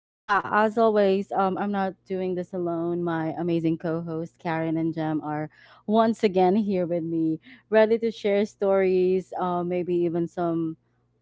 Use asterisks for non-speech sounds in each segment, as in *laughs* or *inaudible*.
Yeah, as always, I'm not doing this alone. My amazing co hosts, Karen and Jem, are once again here with me, ready to share stories, maybe even some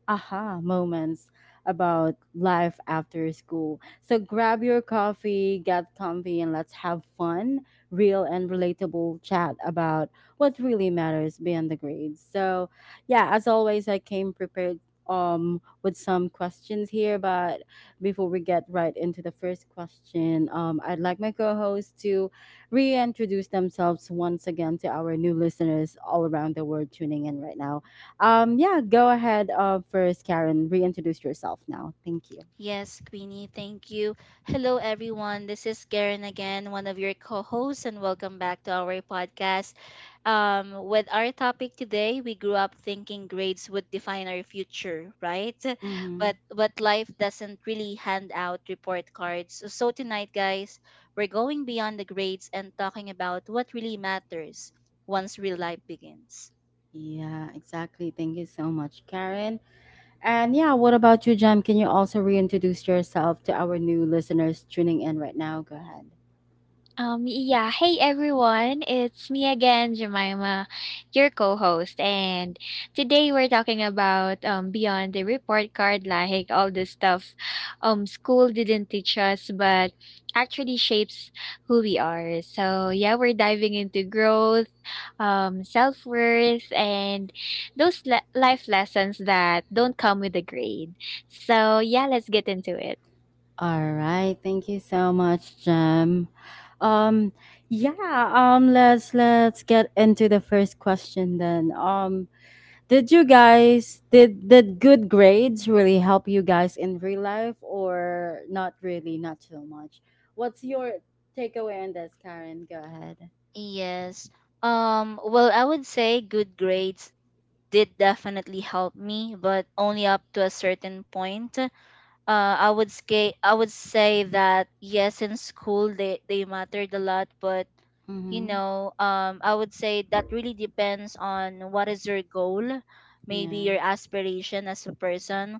aha moments about life after school. So grab your coffee, get comfy, and let's have fun, real and relatable chat about what really matters beyond the grades. So, yeah, as always, I came prepared with some questions here, but before we get right into the first question, I'd like my co-host to reintroduce themselves once again to our new listeners all around the world tuning in right now. Yeah, go ahead. First, Karen. Reintroduce yourself now. Thank you. Yes, Queenie, thank you. Hello, everyone. This is Karen again, one of your co hosts, and welcome back to our podcast. With our topic today, we grew up thinking grades would define our future, right? *laughs* Mm-hmm. But life doesn't really hand out report cards. So tonight, guys, we're going beyond the grades and talking about what really matters once real life begins. Yeah, exactly. Thank you so much, Karen. And yeah, what about you, Jem? Can you also reintroduce yourself to our new listeners tuning in right now? Go ahead. Yeah. Hey, everyone. It's me again, Jemima, your co-host. And today we're talking about beyond the report card, like all the stuff school didn't teach us, but actually shapes who we are. So, yeah, we're diving into growth, self-worth, and life lessons that don't come with a grade. So, yeah, let's get into it. All right. Thank you so much, Jem. Um, yeah, let's get into the first question then. Did good grades really help you guys in real life or not really, not so much? What's your takeaway on this, Karen? Go ahead. Yes. Well, I would say good grades did definitely help me, but only up to a certain point. I would say that yes, in school they mattered a lot, but you Mm-hmm. know, I would say that really depends on what is your goal, maybe Yeah. your aspiration as a person.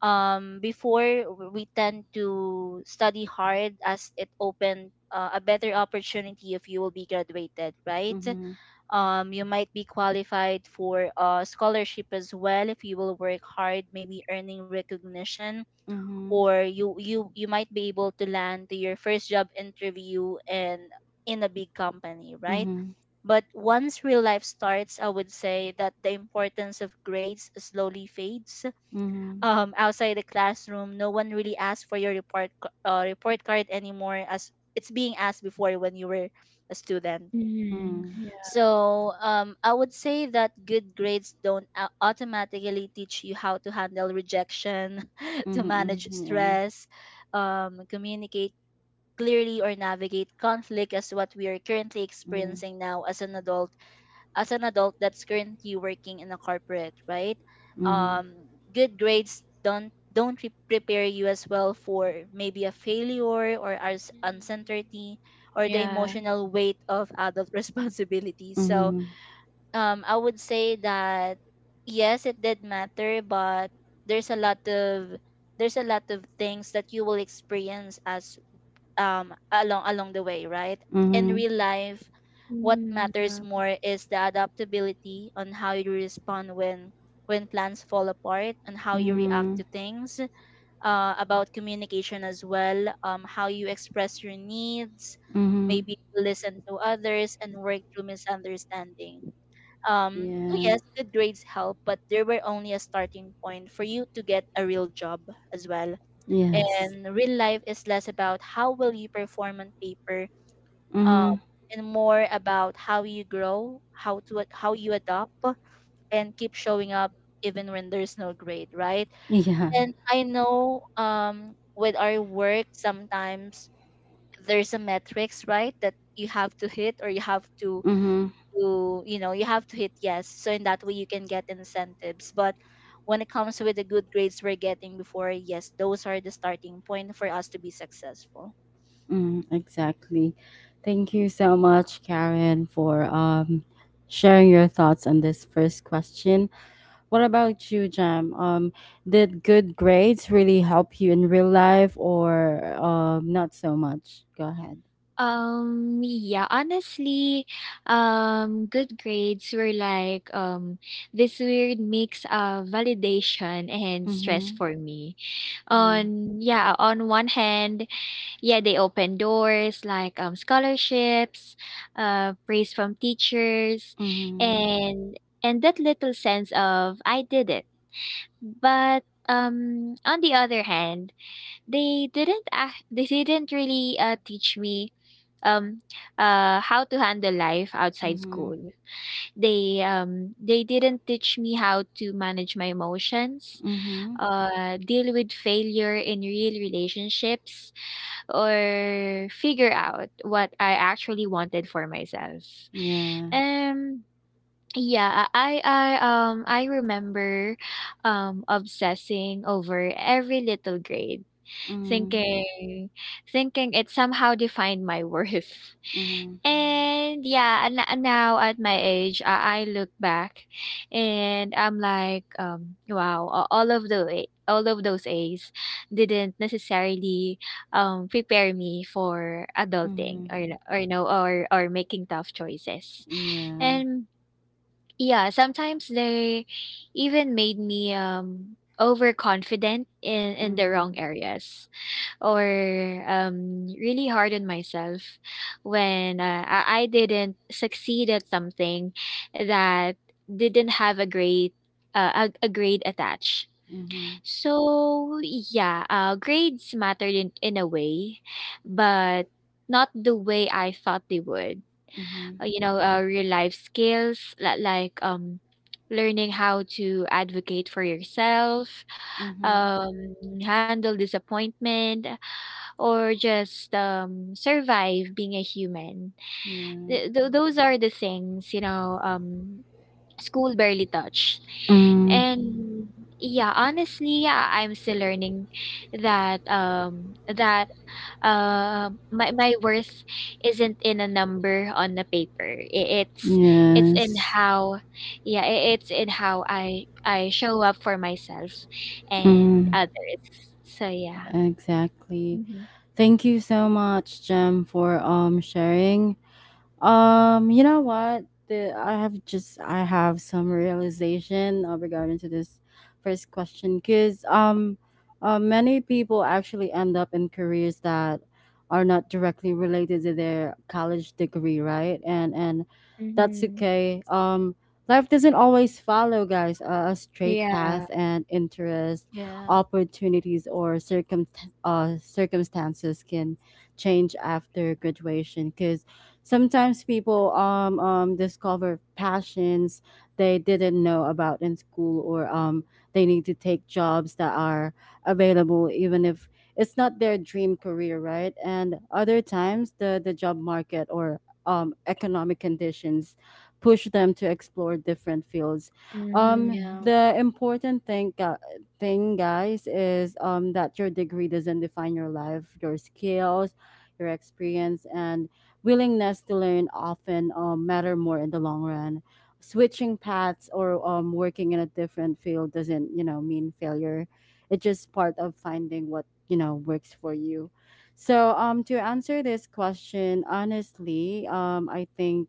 Before we tend to study hard as it opened a better opportunity if you will be graduated, right? Mm-hmm. You might be qualified for a scholarship as well if you will work hard, maybe earning recognition, Mm-hmm. or you might be able to land to your first job interview and in a big company, right? Mm-hmm. But once real life starts, I would say that the importance of grades slowly fades. Mm-hmm. Outside the classroom, no one really asks for your report card anymore as it's being asked before when you were a student. Mhm. Mm-hmm. Yeah. So I would say that good grades don't automatically teach you how to handle rejection, *laughs* to manage Mm-hmm. Yeah. stress, communicate clearly, or navigate conflict as what we are currently Mm-hmm. experiencing now as an adult that's currently working in a corporate, right? Mm-hmm. Good grades don't prepare you as well for maybe a failure or as Mhm. uncertainty or the Yeah. emotional weight of adult *laughs* responsibility. So Mm-hmm. I would say that yes, it did matter, but there's a lot of there's a lot of things that you will experience as along the way, right? In Mm-hmm. real life, what Mhm, yeah. matters more is the adaptability on how you respond when plans fall apart and how you react Mm-hmm. to things, about communication as well, how you express your needs, Mm-hmm. maybe listen to others and work through misunderstanding. So Yeah. yes, good grades help, but they were only a starting point for you to get a real job as well. Yes. And real life is less about how will you perform on paper, um, Mm-hmm. and more about how you grow, how you adopt, and keep showing up even when there's no grade, right? Yeah. And I know with our work sometimes there's a metrics, right, that you have to hit or you have Mm-hmm. to, you know, you have to hit yes. So in that way you can get incentives. But when it comes with the good grades we're getting before, yes, those are the starting point for us to be successful. Mm, exactly. Thank you so much, Karen, for sharing your thoughts on this first question. What about you, Jam? Did good grades really help you in real life, or not so much? Go ahead. Yeah, honestly, good grades were like this weird mix of validation and stress Mm-hmm. for me. Yeah. On one hand, yeah, they open doors like scholarships, praise from teachers, Mm-hmm. and that little sense of I did it. But on the other hand, they didn't really teach me um how to handle life outside Mm-hmm. school. They didn't teach me how to manage my emotions, Mm-hmm. Deal with failure in real relationships or figure out what I actually wanted for myself. Yeah. Um I remember obsessing over every little grade, Mm-hmm. thinking thinking it somehow defined my *laughs* worth. Mm-hmm. And yeah, and n now at my age, I look back and I'm like, wow, a all of the a all of those A's didn't necessarily, prepare me for adulting Mm-hmm. Or, you know, or making tough choices. Yeah. And yeah, sometimes they even made me, overconfident in the Mm-hmm. wrong areas or really hard on myself when I didn't succeed at something that didn't have a grade a grade attached. Mm-hmm. So yeah, grades mattered in a way, but not the way I thought they would. Mm-hmm. You know, real life skills like learning how to advocate for yourself, Mm-hmm. um, handle disappointment, or just survive being a human. Yeah. Those are the things, you know, school barely touched. Mm. And yeah, honestly, yeah, I'm still learning that my worth isn't in a number on a paper. It's in Yes. how yeah, it's in how I show up for myself and Mm, others. So yeah. exactly. Thank you so much, Jem, for sharing. You know what? The, I have just I have some realization regarding to this first question because many people actually end up in careers that are not directly related to their college degree, right? And that's Mm-hmm. okay. Life doesn't always follow, guys, a straight path, Yeah. and interest, Yeah. opportunities, or circumstances can change after graduation because sometimes people discover passions they didn't know about in school, or they need to take jobs that are available, even if it's not their dream career, right? And other times, the job market or economic conditions push them to explore different fields. Yeah. Mhm. The important thing, guys, is that your degree doesn't define your life, your skills, your experience, and willingness to learn often matter more in the long run. Switching paths or working in a different field doesn't, you know, mean failure. It's just part of finding what you know works for you. So, to answer this question honestly, I think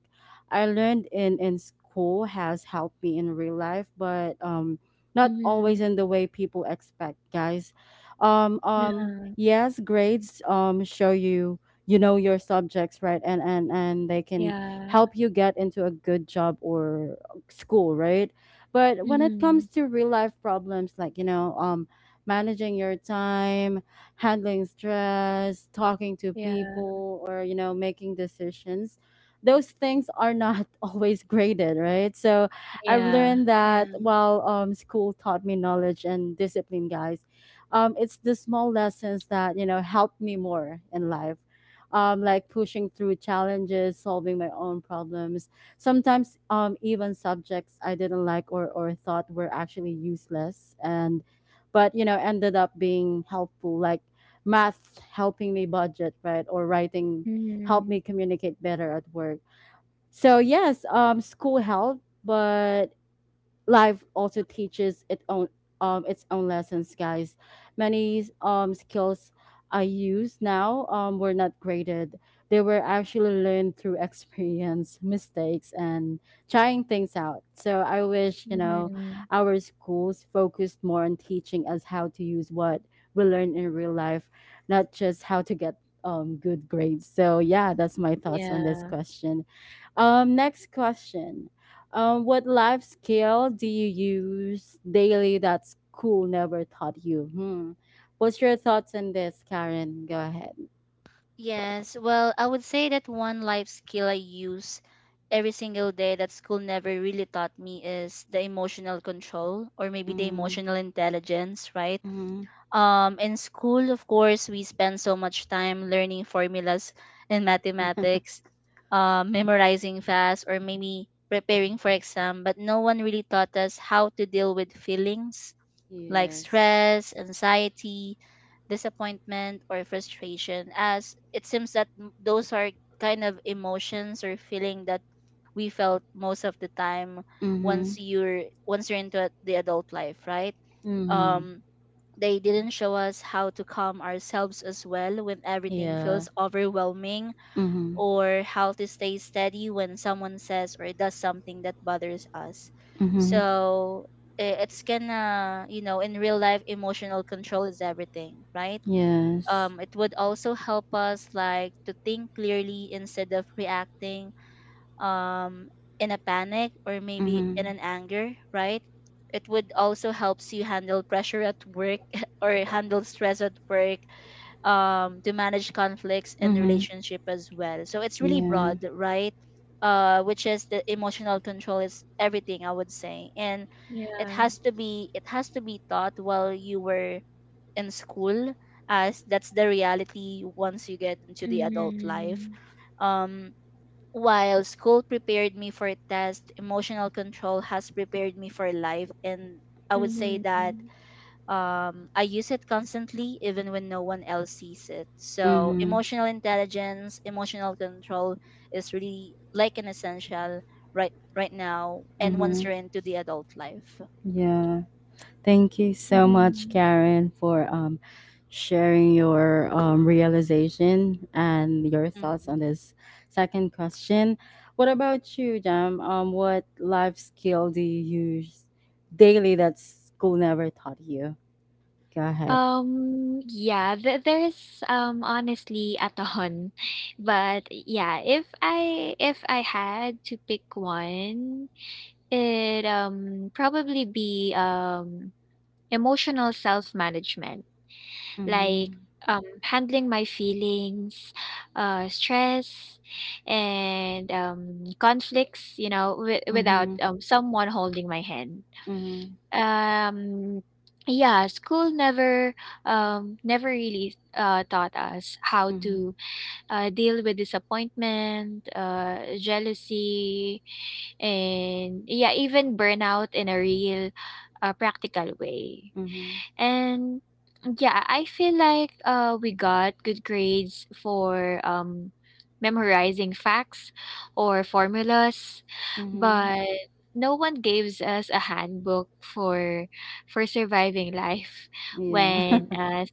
I learned in school has helped me in real life, but not always Mhm. in the way people expect, guys. No. Yes, grades show you you know your subjects, right? And and they can Yeah. help you get into a good job or school, right? But when it comes Mhm. to real life problems, like you know, managing your time, handling stress, talking to Yeah. people, or you know, making decisions, those things are not *laughs* always graded, right? So I've Yeah. learned that Yeah. while school taught me knowledge and discipline, guys, it's the small lessons that you know helped me more in life, like pushing through challenges, solving my own problems. Sometimes, even subjects I didn't like or thought were actually useless, and but you know ended up being helpful, like math helping me budget, right, or writing helped Mhm. me communicate better at work. So yes, school helped, but life also teaches its own lessons, guys. Many skills I use now were not graded. They were actually learned through experience *laughs* mistakes and trying things out. So I wish, you know, Mhm. our schools focused more on teaching us how to use what we learn in real life, not just how to get good grades. So yeah, that's my thoughts on this Yeah. question. Um, next question. Um, what life skill do you use daily that school never taught you? Hmm. What's your thoughts on this, Karen? Go ahead. Yes, well, I would say that one life skill I use every single day that school never really taught me is the emotional control, or maybe the Mm, emotional intelligence, right? mm. In school, of course, we spend so much time learning formulas in mathematics, *laughs* memorizing fast or maybe preparing for exam, but no one really taught us how to deal with feelings like Yes. stress, anxiety, disappointment, or frustration, as it seems that those are kind of emotions or feeling that we felt most of the time Mm-hmm. once you're into the adult life, right? Mm-hmm. um they didn't show us how to calm ourselves as well when everything Yeah. feels overwhelming, Mm-hmm. or how to stay steady when someone says or does something that bothers us. Mm-hmm. So I- it's gonna, you know, in real life, emotional control is everything, right? Yes. It would also help us like to think clearly instead of reacting um, in a panic or maybe in Mm-hmm. an anger, right? It would also helps you handle pressure at work *laughs* or handle stress at work, to manage conflicts in Mm-hmm. relationship as well. So it's really Yeah. broad, right? Which is the emotional control is everything, I would say, and it Yeah. has to be it has to be taught while you were in school, as that's the reality once you get into the adult life. Mhm. Um, while school prepared me for test, emotional control has prepared me for life. And I would say that Mhm. I use it constantly, even when no one else sees it. So, Mm-hmm. emotional intelligence, emotional control is really like an essential right right now. And once Mm-hmm. you're into the adult life, Yeah. Thank you so much, Mhm. Karen, for sharing your realization and your thoughts hmm on this second question. What about you, Jam? What life skill do you use daily that school never taught you? Go ahead. Yeah, th there is, honestly a ton, *laughs* but yeah, if I had to pick one, probably be, emotional self-management, like Mm-hmm. Handling my feelings, stress, and conflicts, you know, without Mm-hmm. Someone holding my hand. Mm-hmm. Um, yeah, school never, never really taught us how Mm-hmm. to deal with disappointment, jealousy, and yeah, even burnout in a real, practical way. Mm-hmm. And yeah, I feel like we got good grades for memorizing facts or formulas, Mm-hmm. but no one gives us a handbook for surviving life Yeah, when *laughs*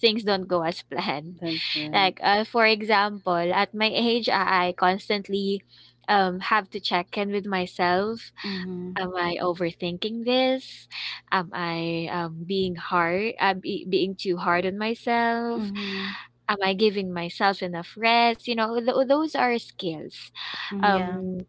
things don't go as planned. that's right. Like for example, at my age, I constantly have to check in with myself. Mm-hmm. Am I overthinking this? Am I, being too hard on myself? Mm-hmm. Am I giving myself enough rest? You know, those are skills, Mm-hmm. yeah, um,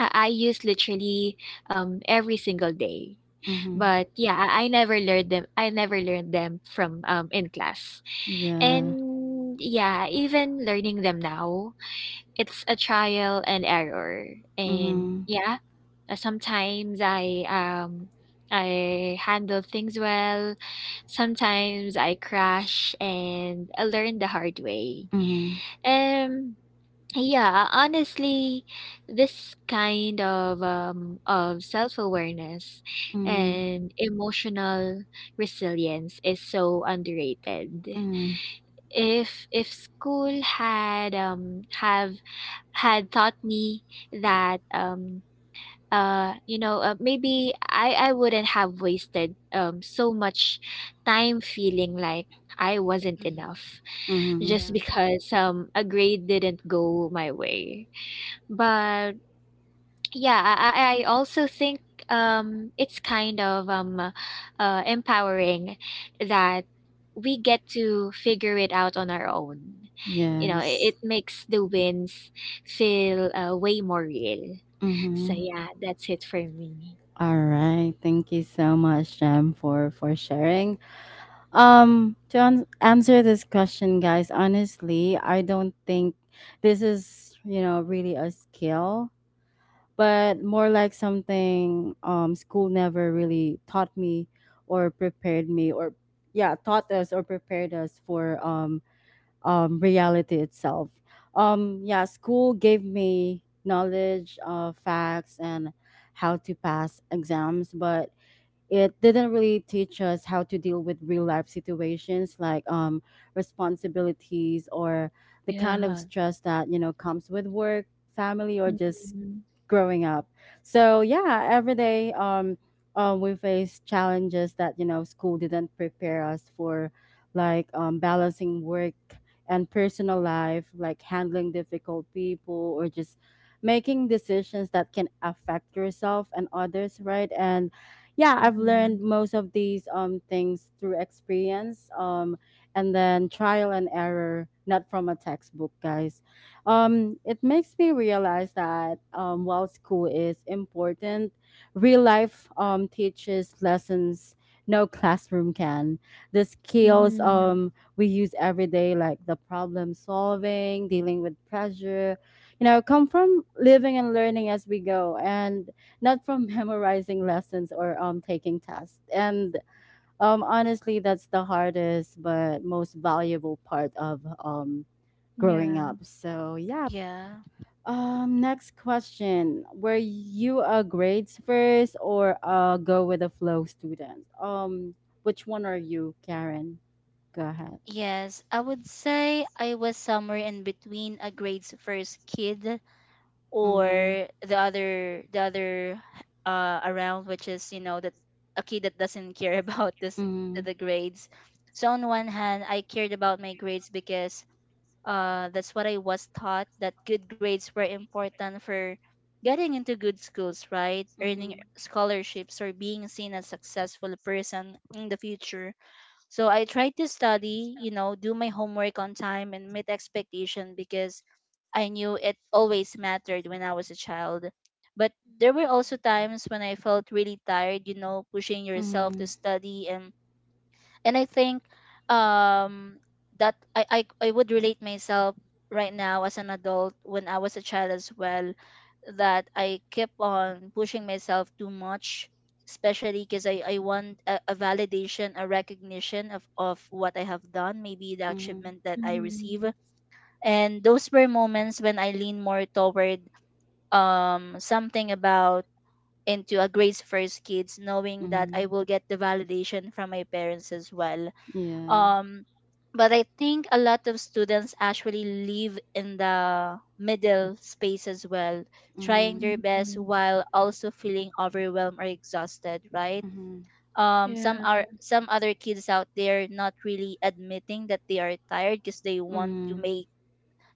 I use literally, every single day. Mm-hmm. But, yeah, I never learned them from, in class. Yeah. And, yeah, even learning them now, it's a trial and error, and Mm-hmm. yeah, sometimes I handle things well, sometimes I crash, and I learn the hard way. Um, yeah, honestly, this kind of self-awareness Mm-hmm. and emotional resilience is so underrated. Mm, If school had taught me that you know, maybe I wouldn't have wasted so much time feeling like I wasn't hmm enough mhm. yeah, just because a grade didn't go my way. But yeah, I also think it's kind of empowering that we get to figure it out on our own. You know, Yes. it makes the wins feel way more real. So, Mhm. yeah, that's it for me. All right. Thank you so much, Jem, for sharing. To answer this question, guys, honestly, I don't think this is you know really a skill, but more like something school never really taught me or prepared me or yeah taught us or prepared us for reality itself. Yeah, school gave me knowledge of facts and how to pass exams, but it didn't really teach us how to deal with real life situations like responsibilities or the kind of Yeah. stress that you know comes with work, family, or just Mm-hmm. growing up. So yeah, every day, we face challenges that you know school didn't prepare us for, like balancing work and personal life, like handling difficult people or just making decisions that can affect yourself and others, right? And yeah, I've Mm-hmm. learned most of these things through experience and then trial and error, not from a textbook, guys. It makes me realize that while school is important, real life teaches lessons no classroom can. The skills Mm-hmm. We use every day, like the problem solving, dealing with pressure, you know, come from living and learning as we go, and not from *laughs* memorizing lessons or taking tests. And honestly, that's the hardest but most valuable part of growing Yeah. up. So yeah, yeah. Next question. Were you a grades first or a go with the flow student? Which one are you, Karen? Go ahead. Yes, I would say I was somewhere in between a grades first kid Mm-hmm. or the other around, which is you know that a kid that doesn't care *laughs* about this Mm-hmm. the grades. So on one hand, I cared about my grades because that's what I was taught, that good grades were important for getting into good schools, right, earning Mm-hmm. scholarships, or being seen as successful person in the future. So I tried to study, you know, do my homework on time and meet expectation because I knew it always mattered when I was a child. But there were also times when I felt really tired, you know, pushing yourself to Mm-hmm. study, and I think um that I would relate myself right now as an adult when I was a child as well, that I kept on pushing myself too much, especially because I want a validation, a recognition of what I have done, maybe the Mm-hmm. achievement that I receive. Mm-hmm. And those were moments when I lean more toward something about into a grades first kids, knowing that Mm-hmm. I will get the validation from my parents as well. Yeah. um but I think a lot of students actually live in the middle space as well, trying Mm-hmm. their best Mm-hmm. while also feeling overwhelmed or exhausted, right? Mm-hmm. Yeah. Some are some other kids out there not really admitting that they are tired because they want Mm-hmm.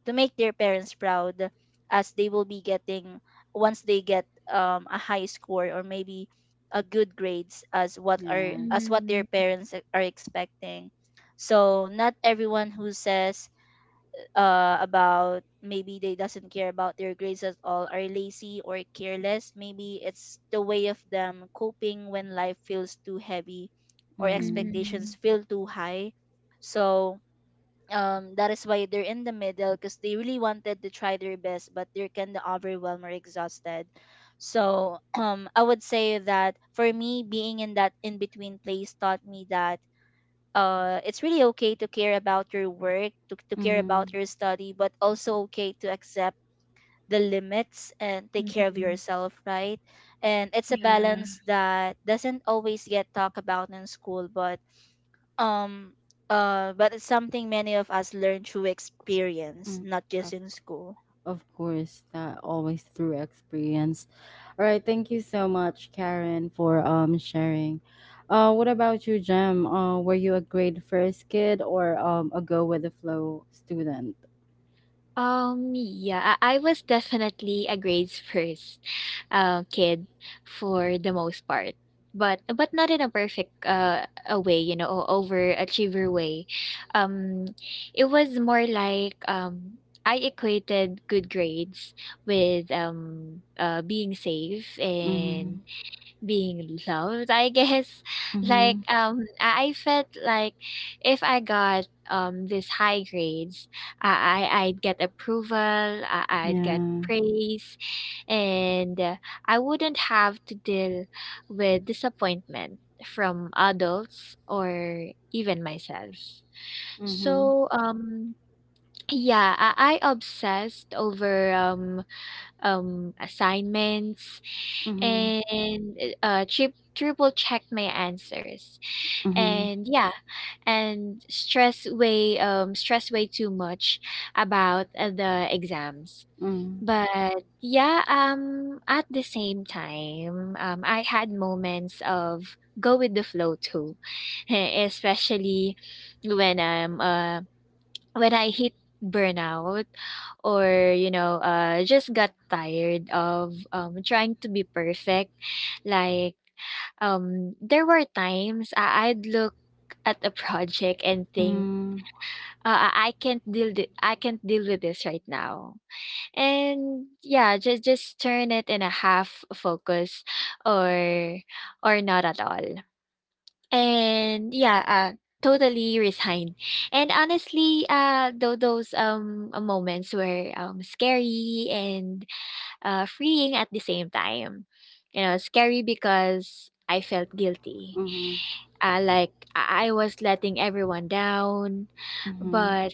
to make their parents proud as they will be getting once they get a high score or maybe a good grades as what are Yeah. as what their Mm-hmm. parents are expecting. So not everyone who says about maybe they doesn't care about their grades at all are lazy or careless. Maybe it's the way of them coping when life feels too heavy or Mm-hmm. expectations Mm-hmm. feel too high. So that is why they're in the middle, because they really wanted to try their best but they're kind of overwhelmed or exhausted. So *clears throat* I would say that for me being in that in between place taught me that it's really okay to care about your work, to care about Mm-hmm. your study, but also okay to accept the limits and take care of Mm-hmm. yourself, right? And it's a Yeah. balance that doesn't always get talked about in school, um, but it's something many of us learn through experience, Mm-hmm. not just in school. Of course, that always through experience. All right, thank you so much, Karen, for sharing. What about you, Jem? Were you a grade first kid or a go with the flow student? I was definitely a grades first kid for the most part. But not in a perfect a way, you know, overachiever way. Um, it was more like I equated good grades with being safe Mm-hmm. and being loved, I guess. *laughs* Like, Mm-hmm. I felt like if I got these high grades, I, I'd get approval, I'd get Yeah. praise, and I wouldn't have to deal with disappointment from adults or even myself. Mm-hmm. So, yeah, I obsessed over assignments, Mm-hmm. and triple check my answers, Mm-hmm. and yeah, and stress way too much about the exams. But yeah, at the same time, I had moments of go with the flow too, *laughs* especially when I'm when I hit burnout or, you know, just got tired of trying to be perfect. Like, there were times I'd look at a project and think, Mm-hmm. I can't deal with this right now, and yeah, just turn it in a half focus, or or not at all, and yeah, totally resigned. And honestly, though those moments were scary and freeing at the same time. You know, scary because I felt guilty. Mm-hmm. Like I was letting everyone down, Mm-hmm. but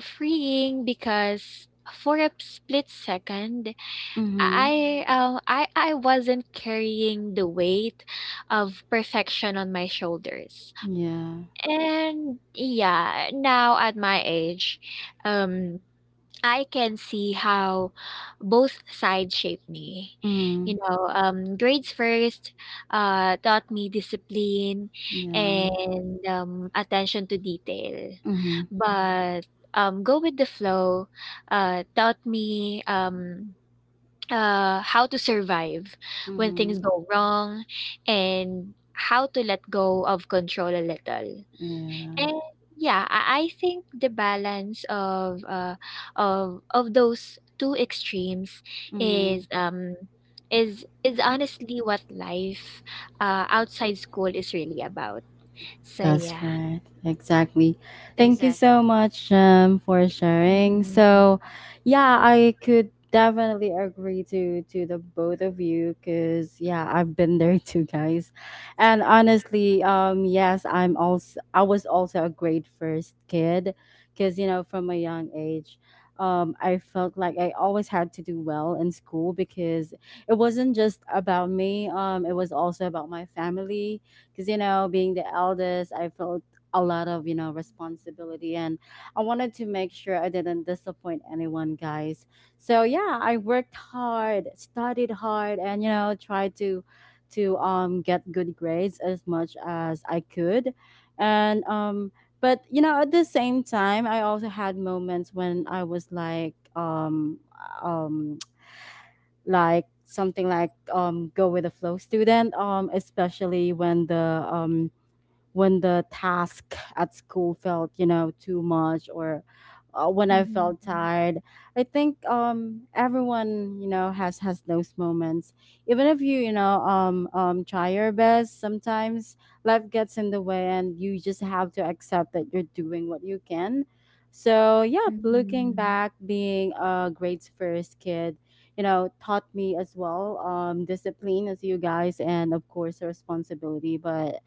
freeing because for a split second, Mm-hmm. I wasn't carrying the weight of perfection on my shoulders. Yeah. And yeah, now at my age, um, I can see how both sides shaped me. You Mm-hmm. know, grades first taught me discipline Yeah. and attention to detail. Mm-hmm. But go with the flow taught me how to survive when Mm-hmm. things go wrong and how to let go of control a little. Yeah. And yeah, I think the balance of of those two extremes Mm-hmm. is is honestly what life outside school is really about. So That's yeah. right. Exactly. Thank you so Exactly. much, for sharing. Mm-hmm. So, yeah, I could definitely agree to the both of you because yeah, I've been there too, guys. And honestly, yes, I was also a grade first kid because you know from a young age, I felt like I always had to do well in school because it wasn't just about me. It was also about my family because you know being the eldest I felt a lot of you know responsibility, and I wanted to make sure I didn't disappoint anyone, guys. So yeah, I worked hard, studied hard, and you know tried to get good grades as much as I could. And um, but you know at the same time I also had moments when I was like um *tsk* like something like go with the flow student, especially when the task at school felt you know too much, or when I Mm-hmm. felt tired. I think everyone you know has those moments. Even if you you know try your best, sometimes life gets in the way and you just have to accept that you're doing what you can. So yeah, looking Mm-hmm. back, being a grades first kid, you know taught me as well discipline as you guys and of course responsibility. But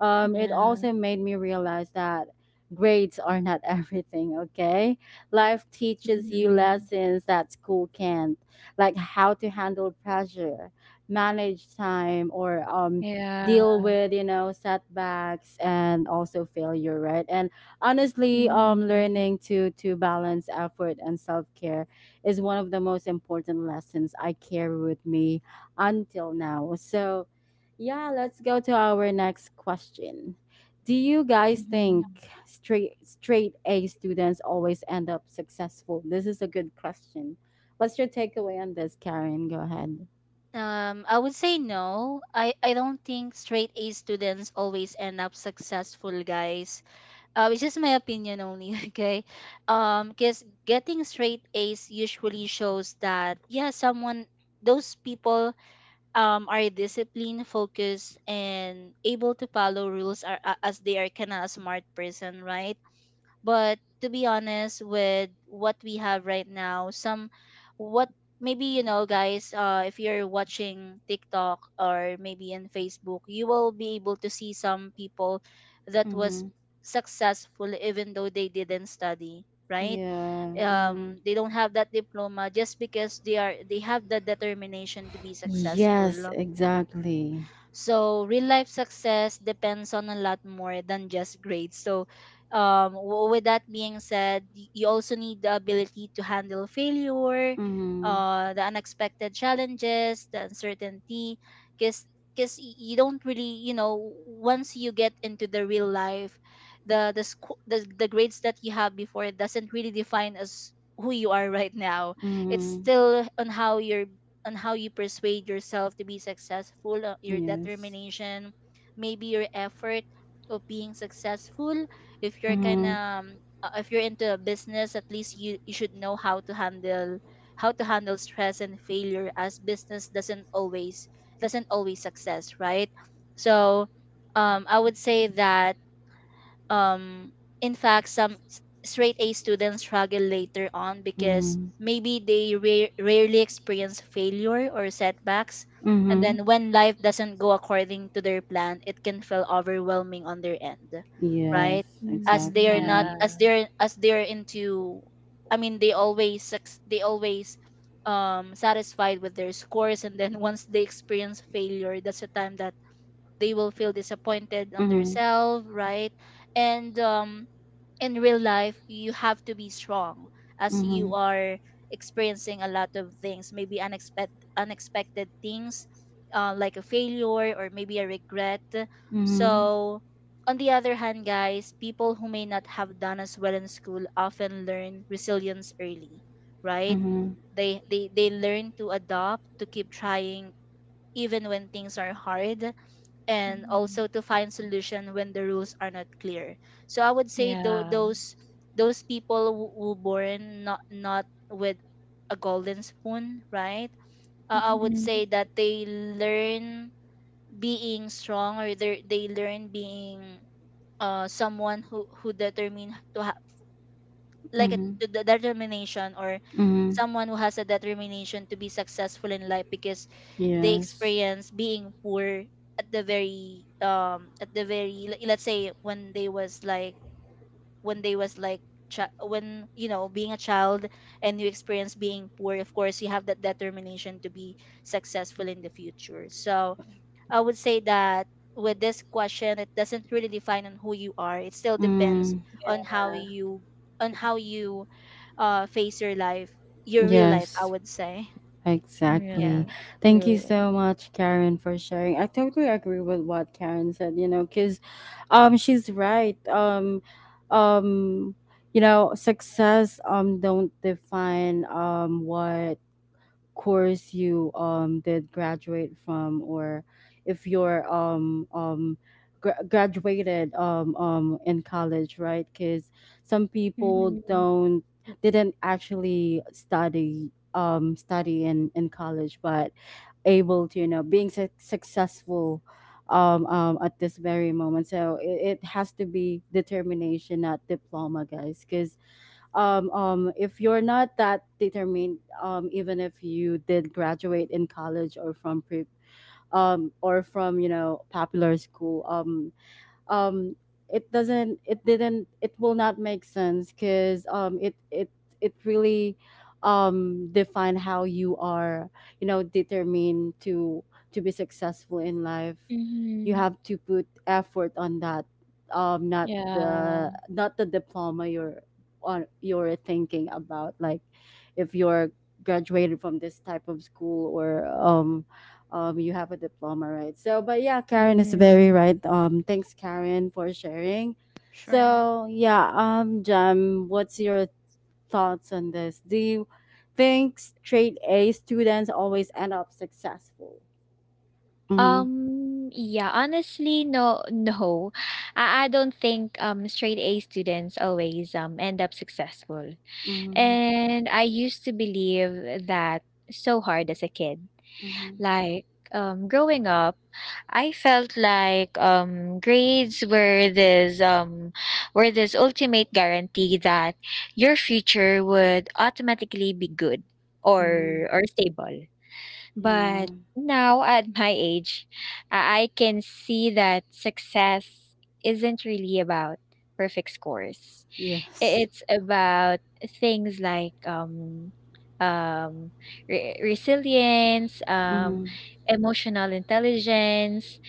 it Yeah. also made me realize that grades are not *laughs* everything, okay? Life teaches you Mm-hmm. lessons that school can't, like how to handle pressure, manage time, or Yeah. deal with, you know, setbacks and also failure, right? And honestly, Mm-hmm. learning to balance effort and self care is one of the most important lessons I carry with me until now. So yeah, let's go to our next question. Do you guys Mm-hmm. think straight A students always end up successful? This is a good question. What's your takeaway on this, Karen? Go ahead. I would say no. I don't think straight A students always end up successful, guys. It's just my opinion only, *laughs* okay? Because getting straight A's usually shows that yeah, someone, those people are disciplined, focused, and able to follow rules, are as they are kind of a smart person, right? But to be honest with what we have right now, some what, maybe you know guys, if you're watching TikTok or maybe in Facebook, you will be able to see some people that was Mm-hmm. successful even though they didn't study, right? Yeah. Mm-hmm. They don't have that diploma, just because they are they have the determination to be Yes, successful. exactly. So real life success depends on a lot more than just grades. So with that being said, you also need the ability to handle failure, Mm-hmm. The unexpected challenges, the uncertainty, because because you don't really, you know, once you get into the real life, the the grades that you have before doesn't really define as who you are *laughs* right now. It's Mm-hmm. still on how your on how you persuade yourself to be successful, your Yes. determination, maybe your effort of being successful. If you're kind Mm-hmm. of if you're into a business, at least you, you should know how to handle stress and failure, as business doesn't always success, right? So I would say that um, in fact, some straight A students struggle later on because Mm-hmm. maybe they rarely experience failure or setbacks. And Mm-hmm. then when life doesn't go according to their plan, it can feel overwhelming on their end, Yes, right? As Mm-hmm. they are not, Yeah. exactly. as they're into, I mean, they always, they always satisfied with their scores. And then *laughs* once they experience failure, that's the time that they will feel disappointed on Mm-hmm. themselves, right? And in real life, you have to be strong as Mm-hmm. you are experiencing a lot of things, maybe unexpected things, like a failure or maybe a regret. Mm-hmm. So on the other hand, guys, people who may not have done as well in school often learn resilience early, right? Mm-hmm. They learn to adopt, to keep trying even when things are hard, and Mm-hmm. also to find solution when the rules are not clear. So I would say tho- Yeah. those those people who born not with a golden spoon, right? I would Mm-hmm. say that they learn being strong, or they learn being someone who determined to, like a, Mm-hmm. to the determination, or Mm-hmm. someone who has a determination to be successful in life, because they Yes. experience being poor at the very let's say when they was like when they was like when, you know, being a child, and you experience being poor, of course you have that determination to be successful in the future. So I would say that with this question, it doesn't really define on who you are. It still depends Mm, on how you on how you face your life, your real life, I yes, would say. Yeah. Yeah. exactly. Thank you True. so much, Karen, for sharing. I totally agree with what Karen said, you know, because she's right. Um you know, success don't define what course you did graduate from, or if you're graduated in college, right? Because some people don't didn't actually study in college, but able to, you know, being successful at this very moment. So it has to be determination, not diploma, guys. Because if you're not that determined, even if you did graduate in college or from or from, you know, popular school, um it doesn't it didn't it will not make sense. Because it really define how you are, you know, determined to be successful in life. You Mhm. have to put effort on that, not Yeah. the diploma you're on you're thinking about, like if you're graduated from this type of school, or you have a diploma, right? So but yeah, Karen is very Mhm. right. Thanks, Karen, for sharing. Sure. So yeah, Jam, what's your thoughts on this? Do you think straight A students always end up successful? Mm-hmm. Yeah, honestly, no, *laughs* no. I don't think straight A students always end up successful. Mm-hmm. And I used to believe that so hard as a kid. Mm-hmm, Like, growing up, I felt like grades were this ultimate guarantee that your future would automatically be good mm-hmm. Or stable. But Yeah. now at my age, I can see that success isn't really about perfect scores. Yes. It's about things like um, resilience, Mm-hmm. emotional intelligence,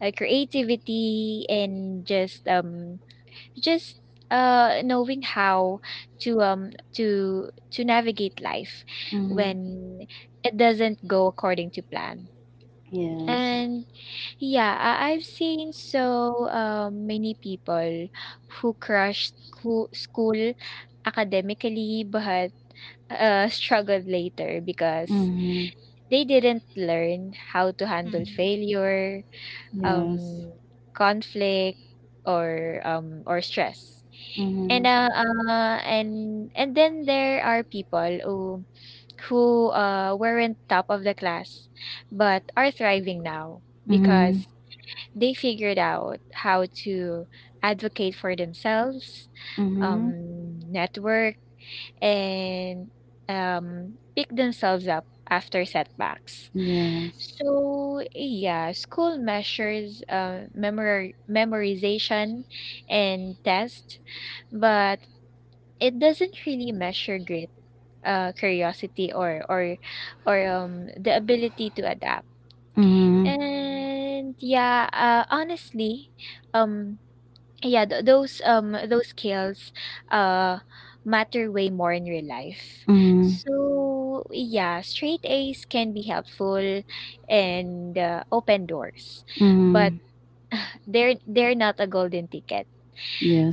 creativity, and just just knowing how to to navigate life Mm-hmm. when it doesn't go according to plan. Yes. And yeah, I've seen so many people who crushed school academically but *laughs* struggled later because Mm-hmm. they didn't learn how to handle Mm-hmm. failure, Yes. um conflict, or stress. Mm-hmm. and, uh, and then there are people who weren't top of the class, but are thriving now Mm-hmm. because they figured out how to advocate for themselves, Mm-hmm. Network, and pick themselves up after setbacks. Yes. So yeah, school measures memorization and test, but it doesn't really measure grit, curiosity, or the ability to adapt. Mm. Mm-hmm. And yeah, honestly, um, yeah, th those skills, uh, matter way more in real life. Mm-hmm. So yeah, straight A's can be helpful and, open doors, but Mm-hmm. They're not a golden ticket.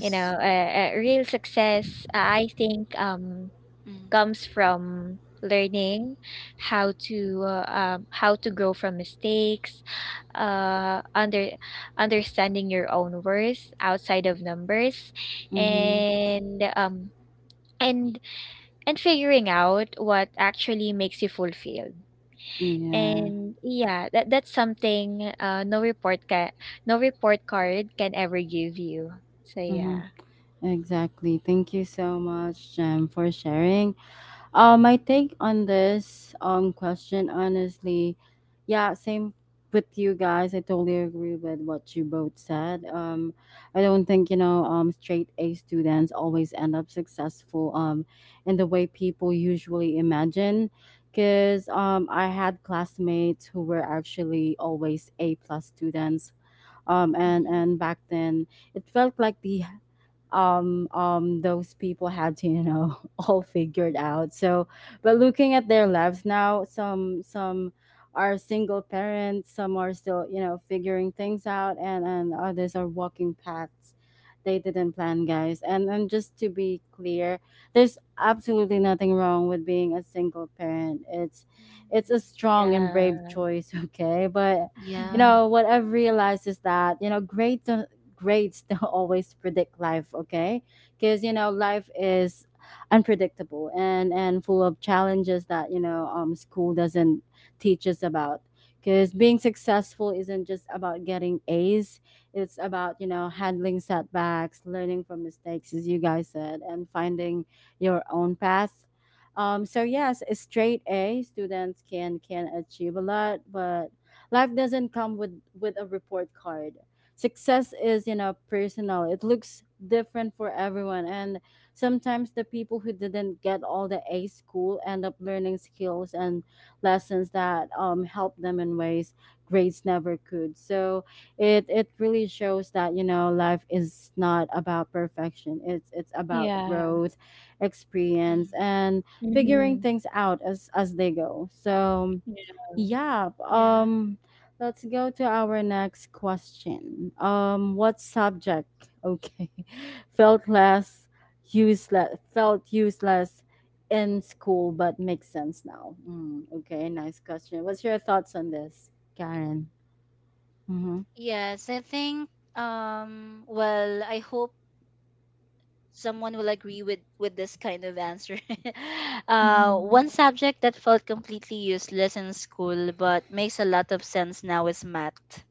You know, real success, I think, Mm-hmm. comes from learning how to grow from mistakes, uh under understanding your own worth outside of numbers, Mm-hmm. and and and figuring out what actually makes you fulfilled. Yeah. And yeah, that that's something no report card can ever give you. So Mm-hmm. yeah. Exactly. Thank you so much, Jem, for sharing. My take on this question, honestly, yeah, same with you guys. I totally agree with what you both said. I don't think, you know, straight A students always end up successful in the way people usually imagine. Cause I had classmates who were actually always A plus students, and Hmm. and back then it felt like the those people had to, you know, *laughs* all figured out, so but looking at their lives now, some are single parents, some are still, you know, figuring things out, and others are walking paths they didn't plan, guys. And just to be clear, there's absolutely nothing wrong with being a single parent. It's a Mhm. strong and brave Yeah. choice, *laughs* okay, but you Yeah. Hmm. know, what I've realized is that, you know, great grades don't *laughs* always predict life, okay? Because, you know, life is unpredictable and full of challenges that, you know, school doesn't teach us about. Because being successful isn't just about getting A's. It's about, you know, handling setbacks, learning from mistakes, as you guys said, and finding your own path. So yes, a straight A students can achieve a lot, but life doesn't come with a report card. Success is, you know, personal. It looks different for everyone, and sometimes the people who didn't get all the A school end up learning skills and lessons that, help them in ways grades never could. So it really shows that, you know, life is not about perfection. It's about Yeah. growth, experience, Hmm. and figuring Hmm. things out as they go. So Yeah. yeah, Yeah. Let's go to our next question. What subject, okay, *laughs* felt less useless felt useless in school but makes sense now. Mm, okay, nice question. What's your thoughts on this, Karen? Mhm. Yes, I think well, I hope someone will agree with this kind of answer. *laughs* One Mhm. subject that felt completely useless in school but makes a lot of sense now is math.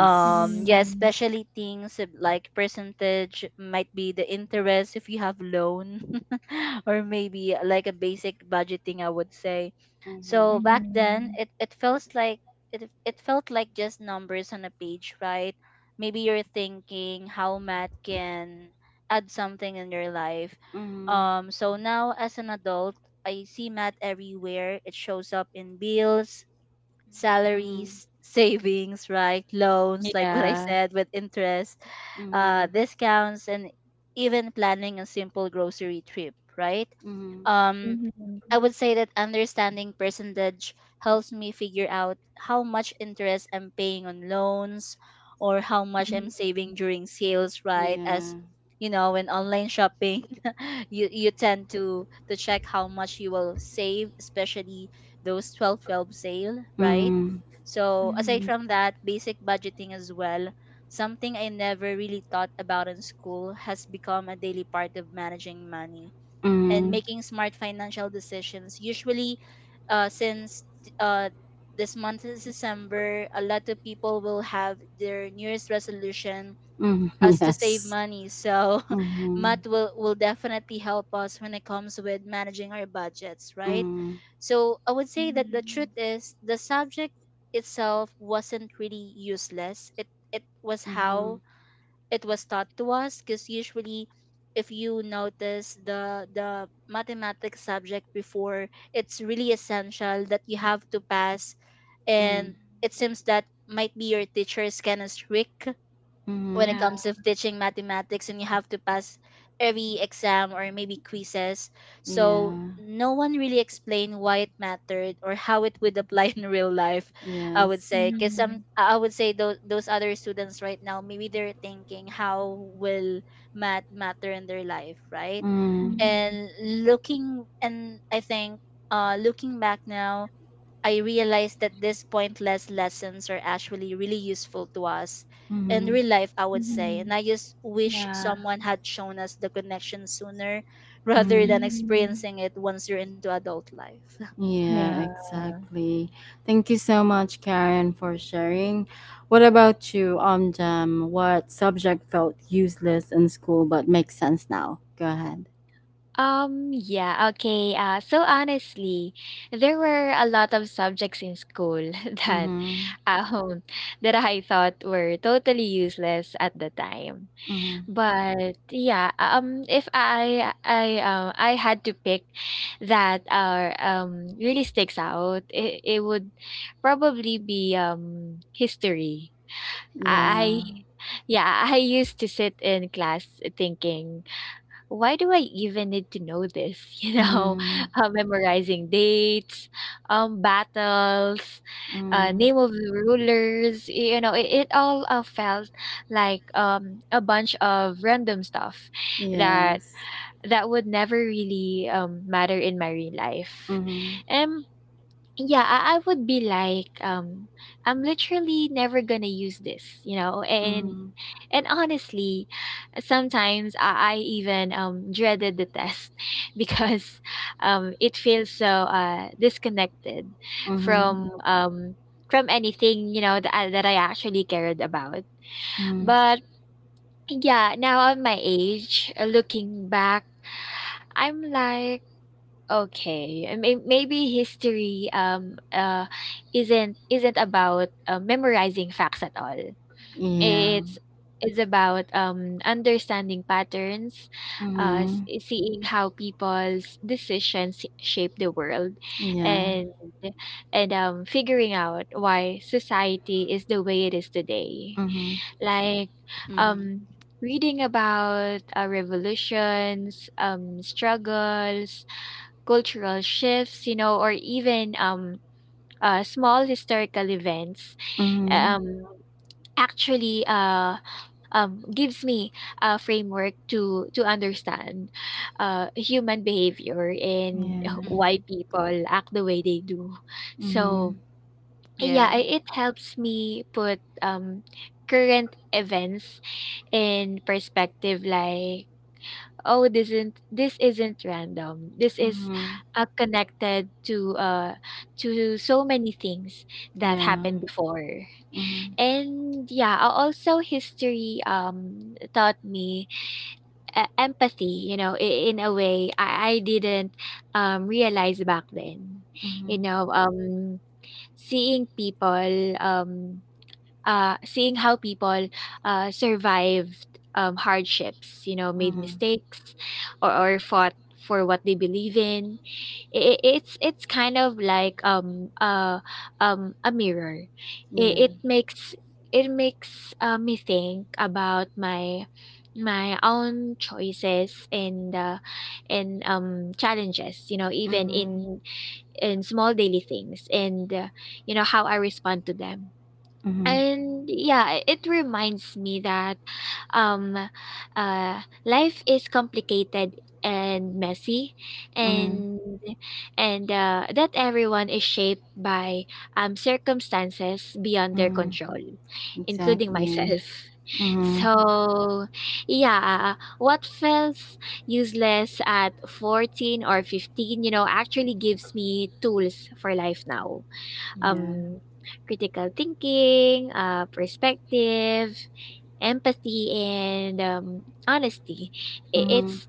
Yeah, Mm, especially things of like percentage, might be the interest if you have loan, *laughs* or maybe like a basic budgeting, I would say. Mhm. So back then, mhm. It, felt like just numbers on a page, right? Maybe you're thinking how math can add something in your life. Mhm. So now, as an adult, I see math everywhere. It shows up in bills, Mhm. Mhm. salaries, savings, right? Loans, like what I Yeah. said, with interest, Mhm. discounts, and even planning a simple grocery trip, right? Mhm. Um, Mhm, I mhm, would say that understanding percentage helps me figure out how much interest I'm paying on loans, or how much I'm mhm, saving during sales, right? As Yeah. you know, when online shopping, *laughs* you tend to check how much you will save, especially those 12.12 sale, right? Mhm. So aside mhm. from that, basic budgeting as well, something I never really thought about in school, has become a daily part of managing money and Mhm. making smart financial decisions. Usually, since uh, this month is December, a lot of people will have their New Year's resolution Mhm. *laughs* as to save Yes. money. So, *laughs* Mhm. Matt will definitely help us when it comes with managing our budgets, right? Mhm. So, I would say that the truth Mhm. is, the subject itself wasn't really useless. It was Mhm. how it was taught to us, because usually, if you notice the mathematics subject before, it's really essential that you have to pass. Mhm. And it seems that might be your teacher is kind of strict when Mm-hmm. it Yeah. comes to teaching mathematics, and you have to pass every exam or maybe quizzes. So Yeah. no one really explained why it mattered or how it would apply *laughs* in real life, I would Yes. say, because some Mhm, I would say those, other students right now, maybe they're thinking how will math matter in their life, right? Mm. mhm, And I think looking back now, I realized that these pointless lessons are actually really useful to us in Mm-hmm. real life, I would say. mhm. And I just wish Yeah. someone had shown us the connection sooner, *laughs* rather Mm. than Mhm. experiencing it once you're into adult life. *laughs* Yeah, Yeah. exactly. Thank you so much, Karen, for sharing. What about you, Omjam? What subject felt useless in school but makes sense now? Go ahead. Yeah, okay. So honestly, there were a lot of subjects in school *laughs* that Mm-hmm. um that I thought were totally useless at the time. Mm-hmm. But yeah, if I I had to pick that are really sticks out, it would probably be history. I Yeah. I- yeah, I used to sit in class thinking, why do I even need to know this? *laughs* You know, Mm. Memorizing dates, battles, Mm. name of the rulers. You know, it all felt like a bunch of random stuff that Yes. Would never really matter in my real life. Mm-hmm. Yeah, I would be like, I'm literally never gonna use this. Mm. And honestly, sometimes I even dreaded the test *laughs* because it feels so disconnected Mm-hmm. from um from anything, you know, that I actually cared about. Mm. But yeah, now at my age, looking back, I'm like okay, and maybe history isn't about memorizing facts at all. Yeah. It's it's about understanding patterns, Mm-hmm. seeing how people's decisions shape the world, Yeah. and figuring out why society is the way it is today. Mm-hmm. Like Mm-hmm. um reading about revolutions, struggles, cultural shifts, you know, or even small historical events, Mm-hmm. um, actually gives me a framework to understand human behavior and Yeah. Mm-hmm. why people act the way they do. Mhm. So yeah, Yeah. It helps me put current events in perspective, like oh this isn't random, this is Mhm. Connected to so many things that Yeah. happened before. Mhm. And yeah, also history taught me empathy, you know, in a way I didn't realize back then. You Mhm. know, seeing people um seeing how people survived hardships, you know, made Mhm. mistakes or fought for what they believe in. It's kind of like a mirror. Yeah. It, it makes me think about my own choices and challenges. You know, even Mhm. In small daily things, and you know how I respond to them. Mhm. And yeah, it reminds me that um uh life is complicated and messy Mhm. and and that everyone is shaped by circumstances beyond their Mhm. control, including Exactly. myself. *laughs* Mhm. So yeah, what feels useless at 14 or 15, you know, actually gives me tools for life now, Yeah. um, critical thinking, perspective, empathy, and honesty. I- Mhm. It's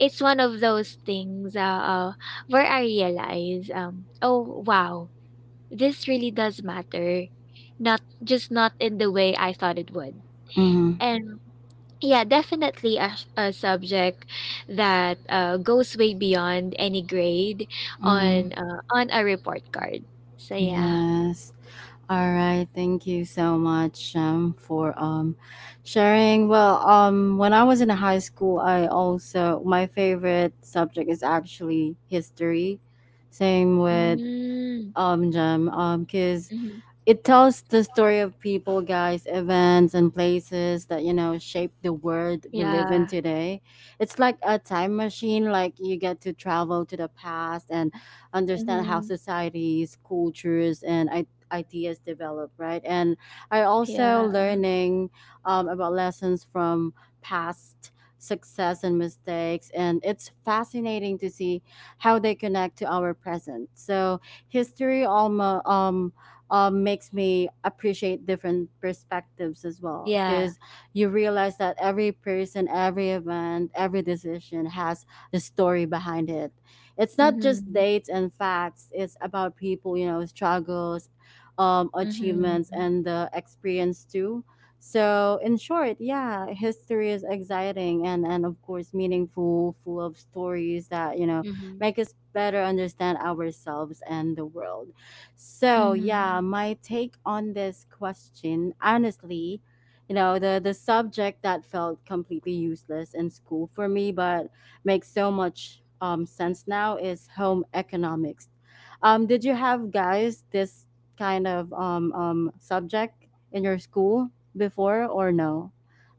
it's one of those things where I realize, oh wow, this really does matter. Not just not in the way I thought it would. Mhm. And yeah, definitely a subject that goes way beyond any grade Mhm. On a report card. So yeah. Yes. All right. Thank you so much for sharing. Well, when I was in high school, I also my favorite subject is actually history. Same with Mm. Jem, cuz Mhm. it tells the story of people, guys, events, and places that, you know, shape the world we live in Yeah. today. It's like a time machine, like you get to travel to the past and understand how Mhm. societies, cultures, and ideas develop, right? And I also Yeah. learning, about lessons from past success and mistakes, and it's fascinating to see how they connect to our present. So history almost makes me appreciate different perspectives as well, Yeah. because you realize that every person, every event, every decision has a story behind it. It's not just Mhm. dates and facts. It's about people, you know, struggles, Mhm. achievements, and the experience too. So in short, yeah, history is exciting, and of course meaningful, full of stories that, you know, Mm-hmm. make us better understand ourselves and the world. So yeah, Mhm. my take on this question, honestly, you know, the subject that felt completely useless in school for me, but makes so much sense now is home economics. Did you have, guys, this kind of subject in your school before or no?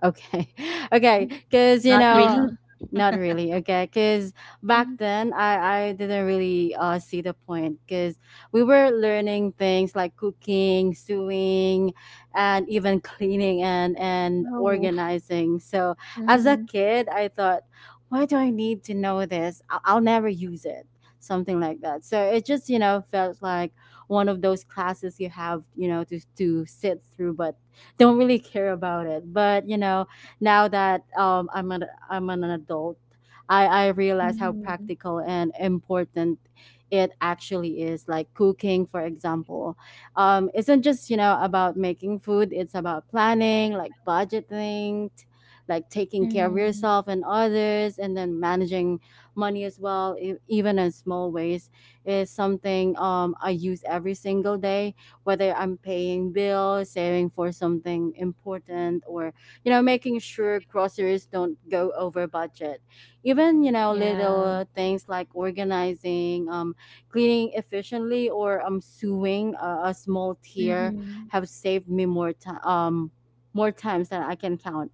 Okay, *laughs* Mhm. okay, because you Not know, really. *laughs* not really. Okay, because back then I didn't really see the point because we were learning things like cooking, sewing, and even cleaning and Oh. organizing. So as a Mhm. kid, I thought, why do I need to know this? I'll never use it. Something like that. So it just, you know, felt like one of those classes you have, you know, to sit through, but don't really care about it. But you know, now that, I'm an adult. I realize how Mhm. practical and important it actually is. Like cooking, for example, isn't just, you know, about making food. It's about planning, like budgeting, like taking care of Mhm. yourself and others, and then managing money as well, even in small ways. Is something, I use every single day, whether I'm paying bills, saving for something important, or you know, making sure groceries don't go over budget. Even, you know, Yeah. little things like organizing, cleaning efficiently, or sewing a small tear, Mhm. have saved me more times than I can count.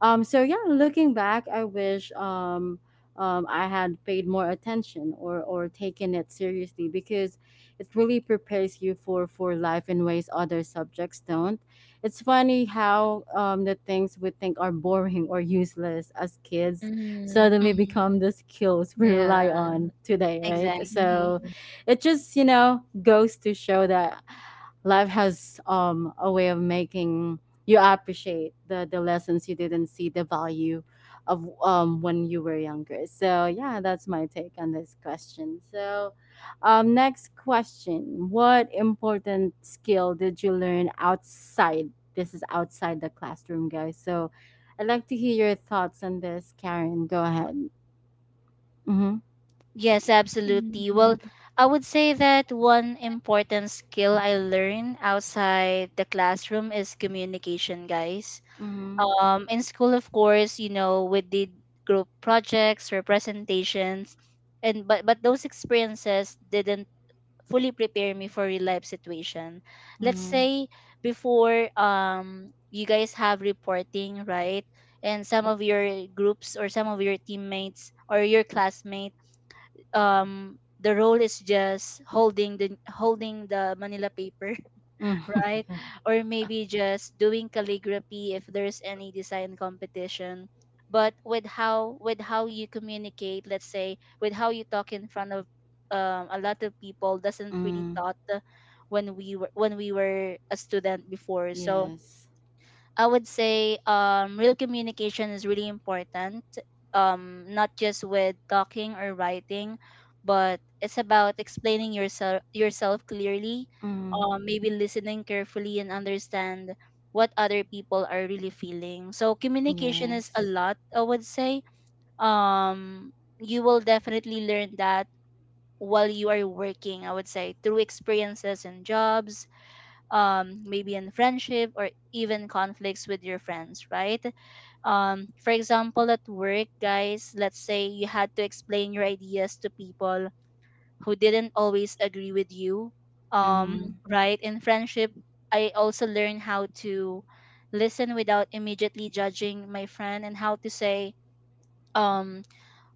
So yeah, looking back, I wish I had paid more attention, or taken it seriously, because it really prepares you for life in ways other subjects don't. It's funny how, the things we think are boring or useless as kids Mhm. suddenly Mm-hmm. become the skills we rely Yeah. on today, right? Exactly. So Mhm. it just, you know, goes to show that life has, a way of making you appreciate the lessons you didn't see the value of when you were younger. So yeah, that's my take on this question. So next question, what important skill did you learn outside? This is outside the classroom, guys. So I'd like to hear your thoughts on this, Karen. Go ahead. Mm-hmm. Yes, absolutely. Well, Mhm. I would say that Mhm. one important skill I learned outside the classroom is communication, guys. Mm-hmm. In school, of course, you know, we did group projects or presentations, and but those experiences didn't fully prepare me for real life situation. Let's Mm-hmm. say before, you guys have reporting, right? And some of your groups or some of your teammates or your classmates, the role is just holding the manila paper, Mm. *laughs* *laughs* right? Or maybe just doing calligraphy if there's any design competition. But with how, you communicate, let's say with how you talk in front of a lot of people, doesn't really Mm, taught when we were a student before. So yes. I would say, real communication is really important, not just with talking or writing, but it's about explaining yourself clearly, Mm, maybe listening carefully and understand what other people are really feeling. So communication is a yes. lot, I would say. Um, you will definitely learn that while you are working, I would say, through experiences and jobs, maybe in friendship or even conflicts with your friends, right? For example, at work, guys, let's say you had to explain your ideas to people who didn't always agree with you, Mm. um, right? In friendship, I also learned how to listen without immediately judging my friend, and how to say, um,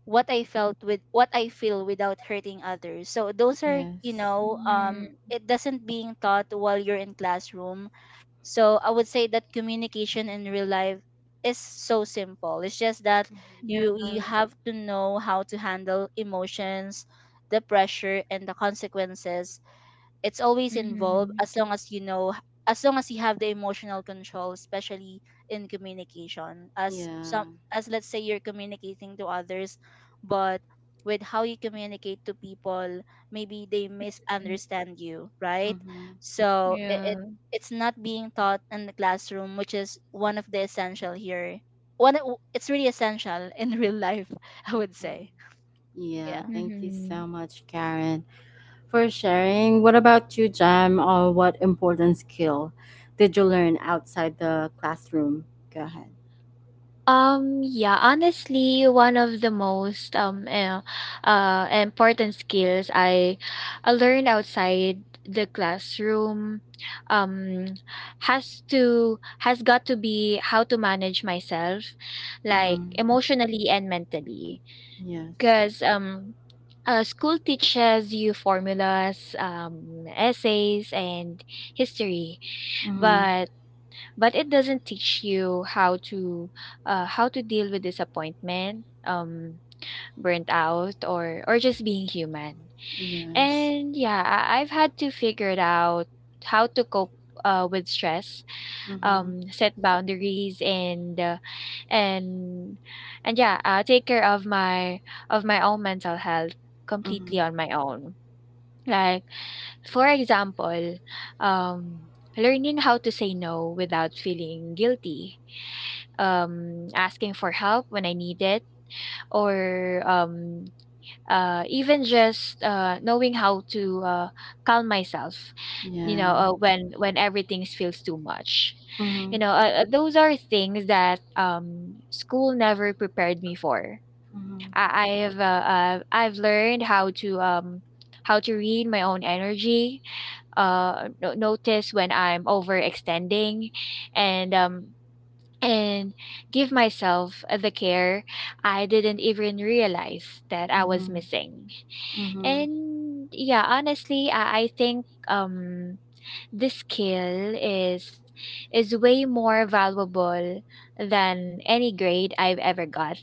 what I felt, with what I feel without hurting others. So those are, you Yes. know, it doesn't being taught while you're in classroom. So I would say that communication in real life is so simple. It's just that Yeah. Mm-hmm. you have to know how to handle emotions, the pressure, and the consequences. It's always involved, Mhm. as long as you know, as long as you have the emotional control, especially in communication, as Yeah. some as let's say you're communicating to others, but with how you communicate to people, maybe they Mhm. misunderstand you, right? Mm-hmm. So it, it Yeah. it's not being taught in the classroom, which is one of the essential here. It's really essential *laughs* in real life, *laughs* I would Mm-hmm. say. Yeah. Yeah. Thank you so Mhm. much, Karen, for sharing. What about you, Jam? Or what important skill did you learn outside the classroom? Go ahead. Yeah, honestly, one of the most important skills I learned outside the classroom um has to has got to be how to manage myself, Mm-hmm. like emotionally and mentally, Yes. because school teaches you formulas, essays, and history, Mm-hmm. but but it doesn't teach you how to deal with disappointment, burnt out, or just being human. Yes. And yeah, I've had to figure it out how to cope with stress, Mm-hmm. Set boundaries, and and yeah, take care of my own mental health completely Mm-hmm. on my own. Like for example, um learning how to say no without feeling guilty, asking for help when I need it, or even just knowing how to calm myself. You Yeah. know, when everything feels too much. Mm-hmm. You know, those are things that school never prepared me for. I've learned how to read my own energy, notice when I'm overextending, and and give myself the care I didn't even realize that I was Mm-hmm. missing. Mm-hmm. And yeah, honestly, I think this skill is way more valuable than any grade I've ever got.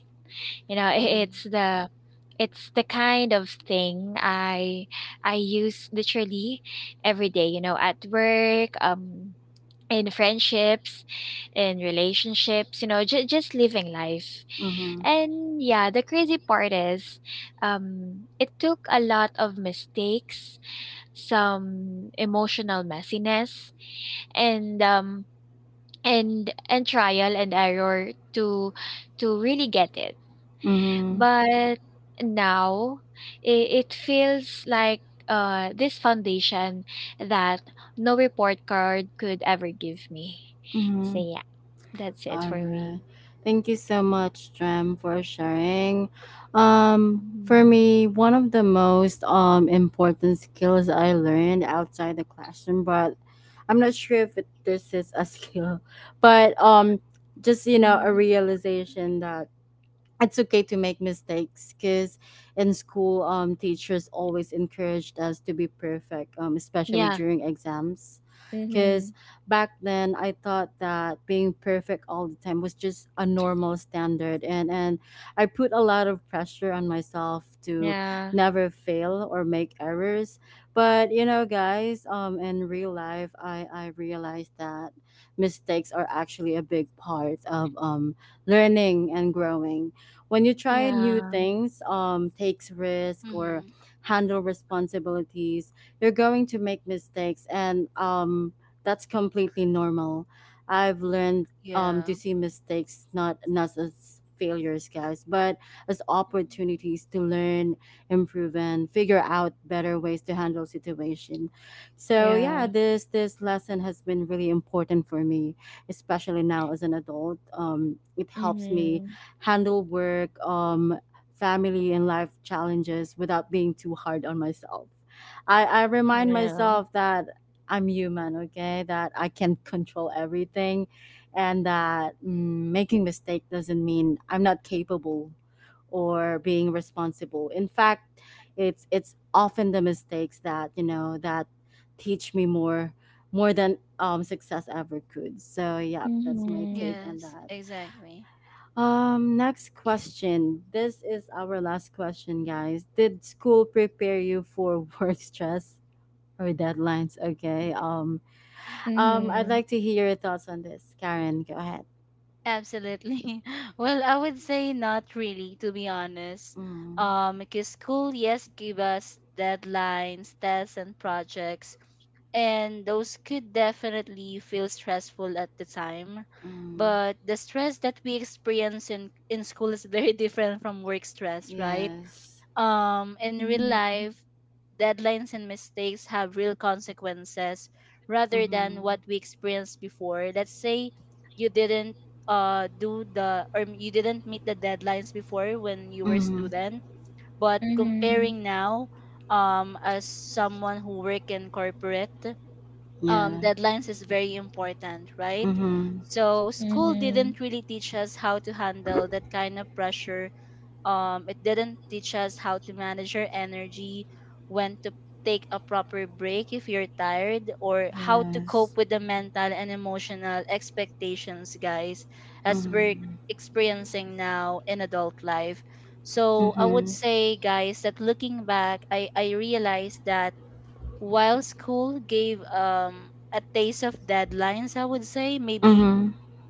You know, Mm-hmm. Mm-hmm. it's the it's the kind of thing I use literally every day, you know, at work, in friendships, in relationships, you know, just living life. Mm-hmm. And yeah, the crazy part is it took a lot of mistakes, some emotional messiness, and and trial and error to really get it. Mm-hmm. But now, it feels like this foundation that no report card could ever give me. So Mm-hmm. yeah. That's it All for right. me. Thank you so much, Jem, for sharing. For Mhm. me, one of the most important skills I learned outside the classroom, but I'm not sure if this is a *laughs* skill, but just you know, a Mhm. That's realization that it's okay to make mistakes, because in school, teachers always encouraged us to be perfect, especially Yeah. during exams. Because Mhm. back then I thought that being perfect all the time was just a normal standard, and I put a lot of pressure on myself to Yeah. never fail or make errors. But you know, guys, in real life, I realized that mistakes are actually a big part of, learning and growing. When you try new Yeah. things, takes risk or Mm-hmm. handle responsibilities, you're going to make mistakes, and, that's completely normal. I've learned, Yeah. to see mistakes not as failures, guys, but as Mhm. opportunities to learn, improve, and figure out better ways to handle situation. So yeah, Yeah. this lesson has been really important for me, especially now as an adult. It helps me Mhm. handle work, family, and life challenges without being too hard on myself. I Uh-huh. remind Yeah. myself that I'm human, okay? That I can't control everything, and that, making mistake doesn't mean I'm not capable or being responsible. In fact, it's often the mistakes that you know that teach me more than, success ever could. So yeah, that's my take Mhm. on Yes, that. exactly. Next question. This is our last question, guys. Did school prepare you for *laughs* work stress or deadlines? Okay. I'd Mhm. like to hear your thoughts on this. Karen, go ahead. Absolutely. *laughs* Well, I would say not really, to be honest. Mm, Because school, yes, give us deadlines, tests, and projects, and those could definitely feel stressful at the time. mm, But the stress that we experience in school is very *laughs* different from work stress, right? yes. In real Mhm. life, deadlines and mistakes have real consequences, rather than what Mm-hmm. we experienced before. Let's say you didn't meet the deadlines before when you were a Mm-hmm. student, but Mhm. comparing now, as someone who work in corporate, Yeah. Deadlines is very important, right? Mm-hmm. So school Mhm. didn't really teach us how to handle that kind of pressure. It didn't teach us how to manage your energy, when to take a proper break if you're tired, or how to cope Yes. with the mental and emotional expectations, guys, as we're Mm-hmm. Mhm. experiencing now in adult life. So I would Mm-hmm. say, guys, that looking back, I realized that while school gave a taste of deadlines, I would say, maybe Mm-hmm.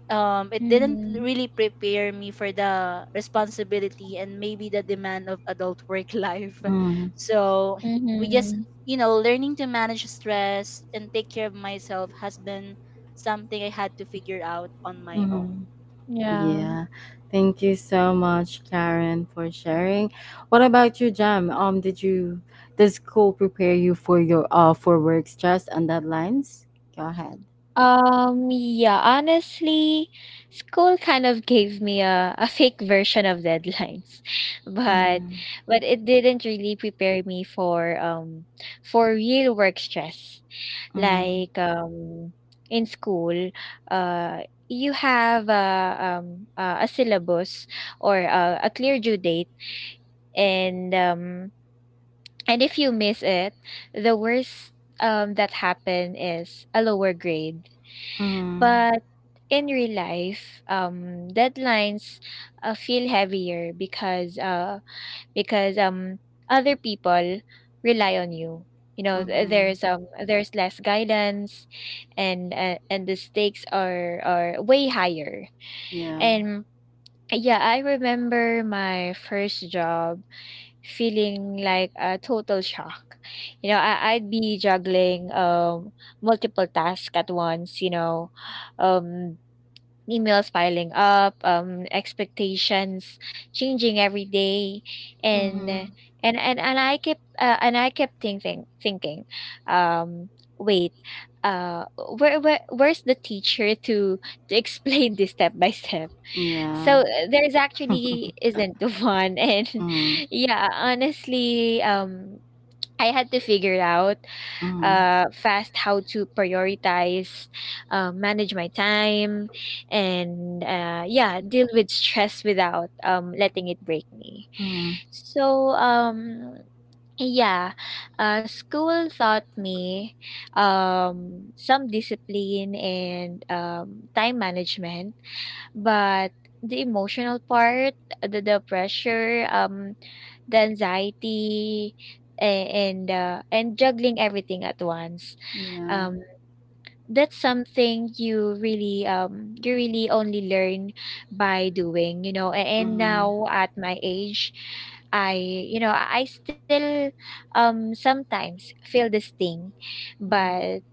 it didn't Mhm. really prepare me for the responsibility and maybe the demand of adult work *laughs* life. Mm-hmm. So we just, Mhm. you know, learning to manage stress and take care of myself has been something I had to figure out on my Mm-hmm. own. Yeah. Yeah. Thank you so much, Karen, for sharing. What about you, Jam? Did you does school prepare you for your for work stress and deadlines? Go ahead. Yeah, honestly, school kind of gave me a fake version of deadlines, *laughs* but Mm-hmm. but it didn't really prepare me for real work stress. Mm-hmm. Like in school, you have a syllabus or a clear due date, and um and if you miss it, the worst that happen is a lower grade, Mm-hmm. but in real life, deadlines feel heavier because because um, other people rely on you. You know, Mm-hmm. There's less guidance, and the stakes are way higher. Yeah. And yeah, I remember my first job feeling like a total shock. You know, I, I'd be juggling multiple tasks at once. You know, um emails piling up, expectations changing every day, and Mm-hmm. and I kept thinking, um, wait, uh, where's the teacher to *laughs* explain this step by step? Yeah. So there is *laughs* actually isn't the one, *laughs* and Mm-hmm. yeah, honestly, I had to figure it out Mm-hmm. Fast, how to prioritize, manage my time, and yeah, deal with stress without letting it break me. Mm-hmm. So, yeah, school taught me some discipline and time management, but the emotional part, the pressure, the anxiety and juggling everything at once, Yeah. um that's something you really only learn by doing, you know. And Mm-hmm. now at my age, I you know I still sometimes feel this thing, Mm-hmm. but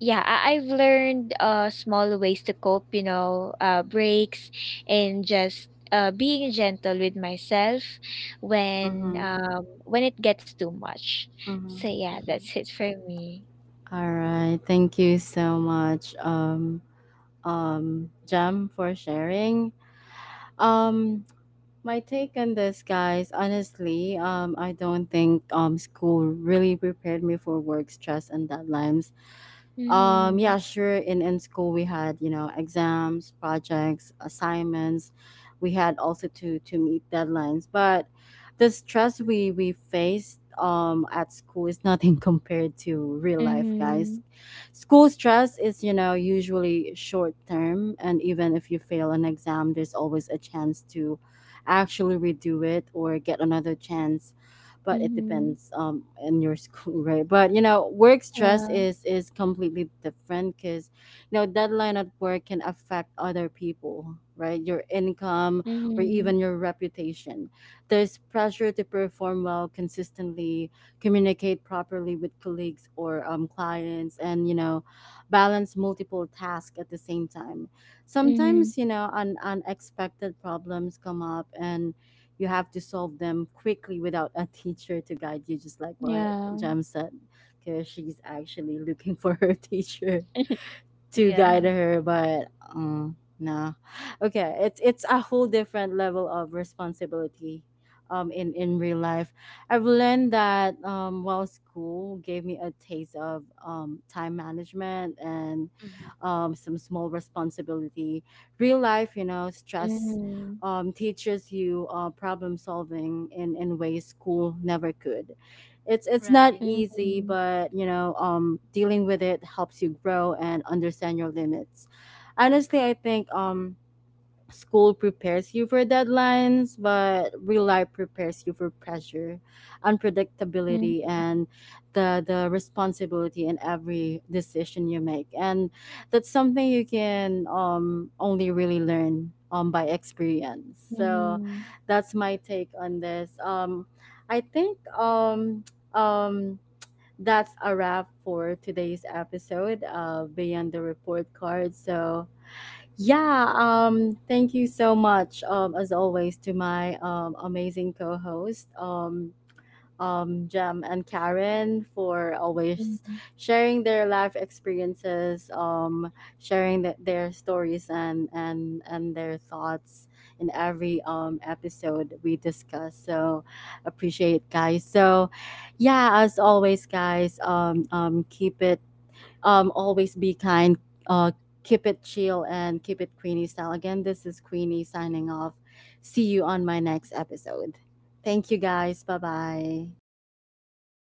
yeah, I've learned small ways to cope, you know, breaks and just being gentle with myself Mm-hmm. When it gets too much. So Mm-hmm. yeah, Mm-hmm. that's it for me. All right. Thank you so much, Jam, for sharing. Um, My take on this, guys, honestly, I don't think school really prepared me for work stress and deadlines. Mm-hmm. Yeah, sure. In school, we had, you know, exams, projects, assignments. We had also to meet deadlines. But the stress we faced at school is nothing *laughs* compared to real life, Mm-hmm. guys. School stress is, you know, usually short term, and even if you fail an exam, there's always a chance to actually redo it or get another chance, but it Mm-hmm. depends in your *laughs* school, right? But you know, work stress Yeah. is completely different, because you know, deadline at work can affect other people, right? Your income or Mm-hmm. even your reputation. There's pressure to perform well consistently, communicate properly with colleagues or clients, and you know, balance multiple tasks at the same time. Mm-hmm. Sometimes, you know, unexpected problems come up, and you have to solve them quickly without a teacher to guide you, just like what Yeah. Jam said, because she's actually looking for her *laughs* teacher to Yeah. guide her, but no, okay, it's a whole different level of responsibility in real life. I've learned that while school gave me a taste of time management and Hmm. Some small responsibility, real life, you know, stress, Mm-hmm. Teaches you, problem solving in ways school never could. It's Right. not easy, Mm-hmm. but you know, dealing with it helps you grow and understand your limits. Honestly, I think, school prepares you for deadlines, but real life prepares you for pressure, unpredictability, Mm-hmm. and the responsibility in every decision you make. And that's something you can only really learn by experience. So that's my take on this. I think *tsk* um that's a wrap for today's episode of Beyond the Report Card. So yeah, thank you so much, as always, to my amazing co host, Jem and Karen, for always Mm-hmm. Thank sharing their life experiences, sharing their stories, and their thoughts in every episode we discuss. So, appreciate, guys. So, yeah, as always, guys, keep it, always be kind. Uh, Keep it chill and keep it Queenie style. Again, this is Queenie signing off. See you on my next episode. Thank you, guys. Bye bye. Bye.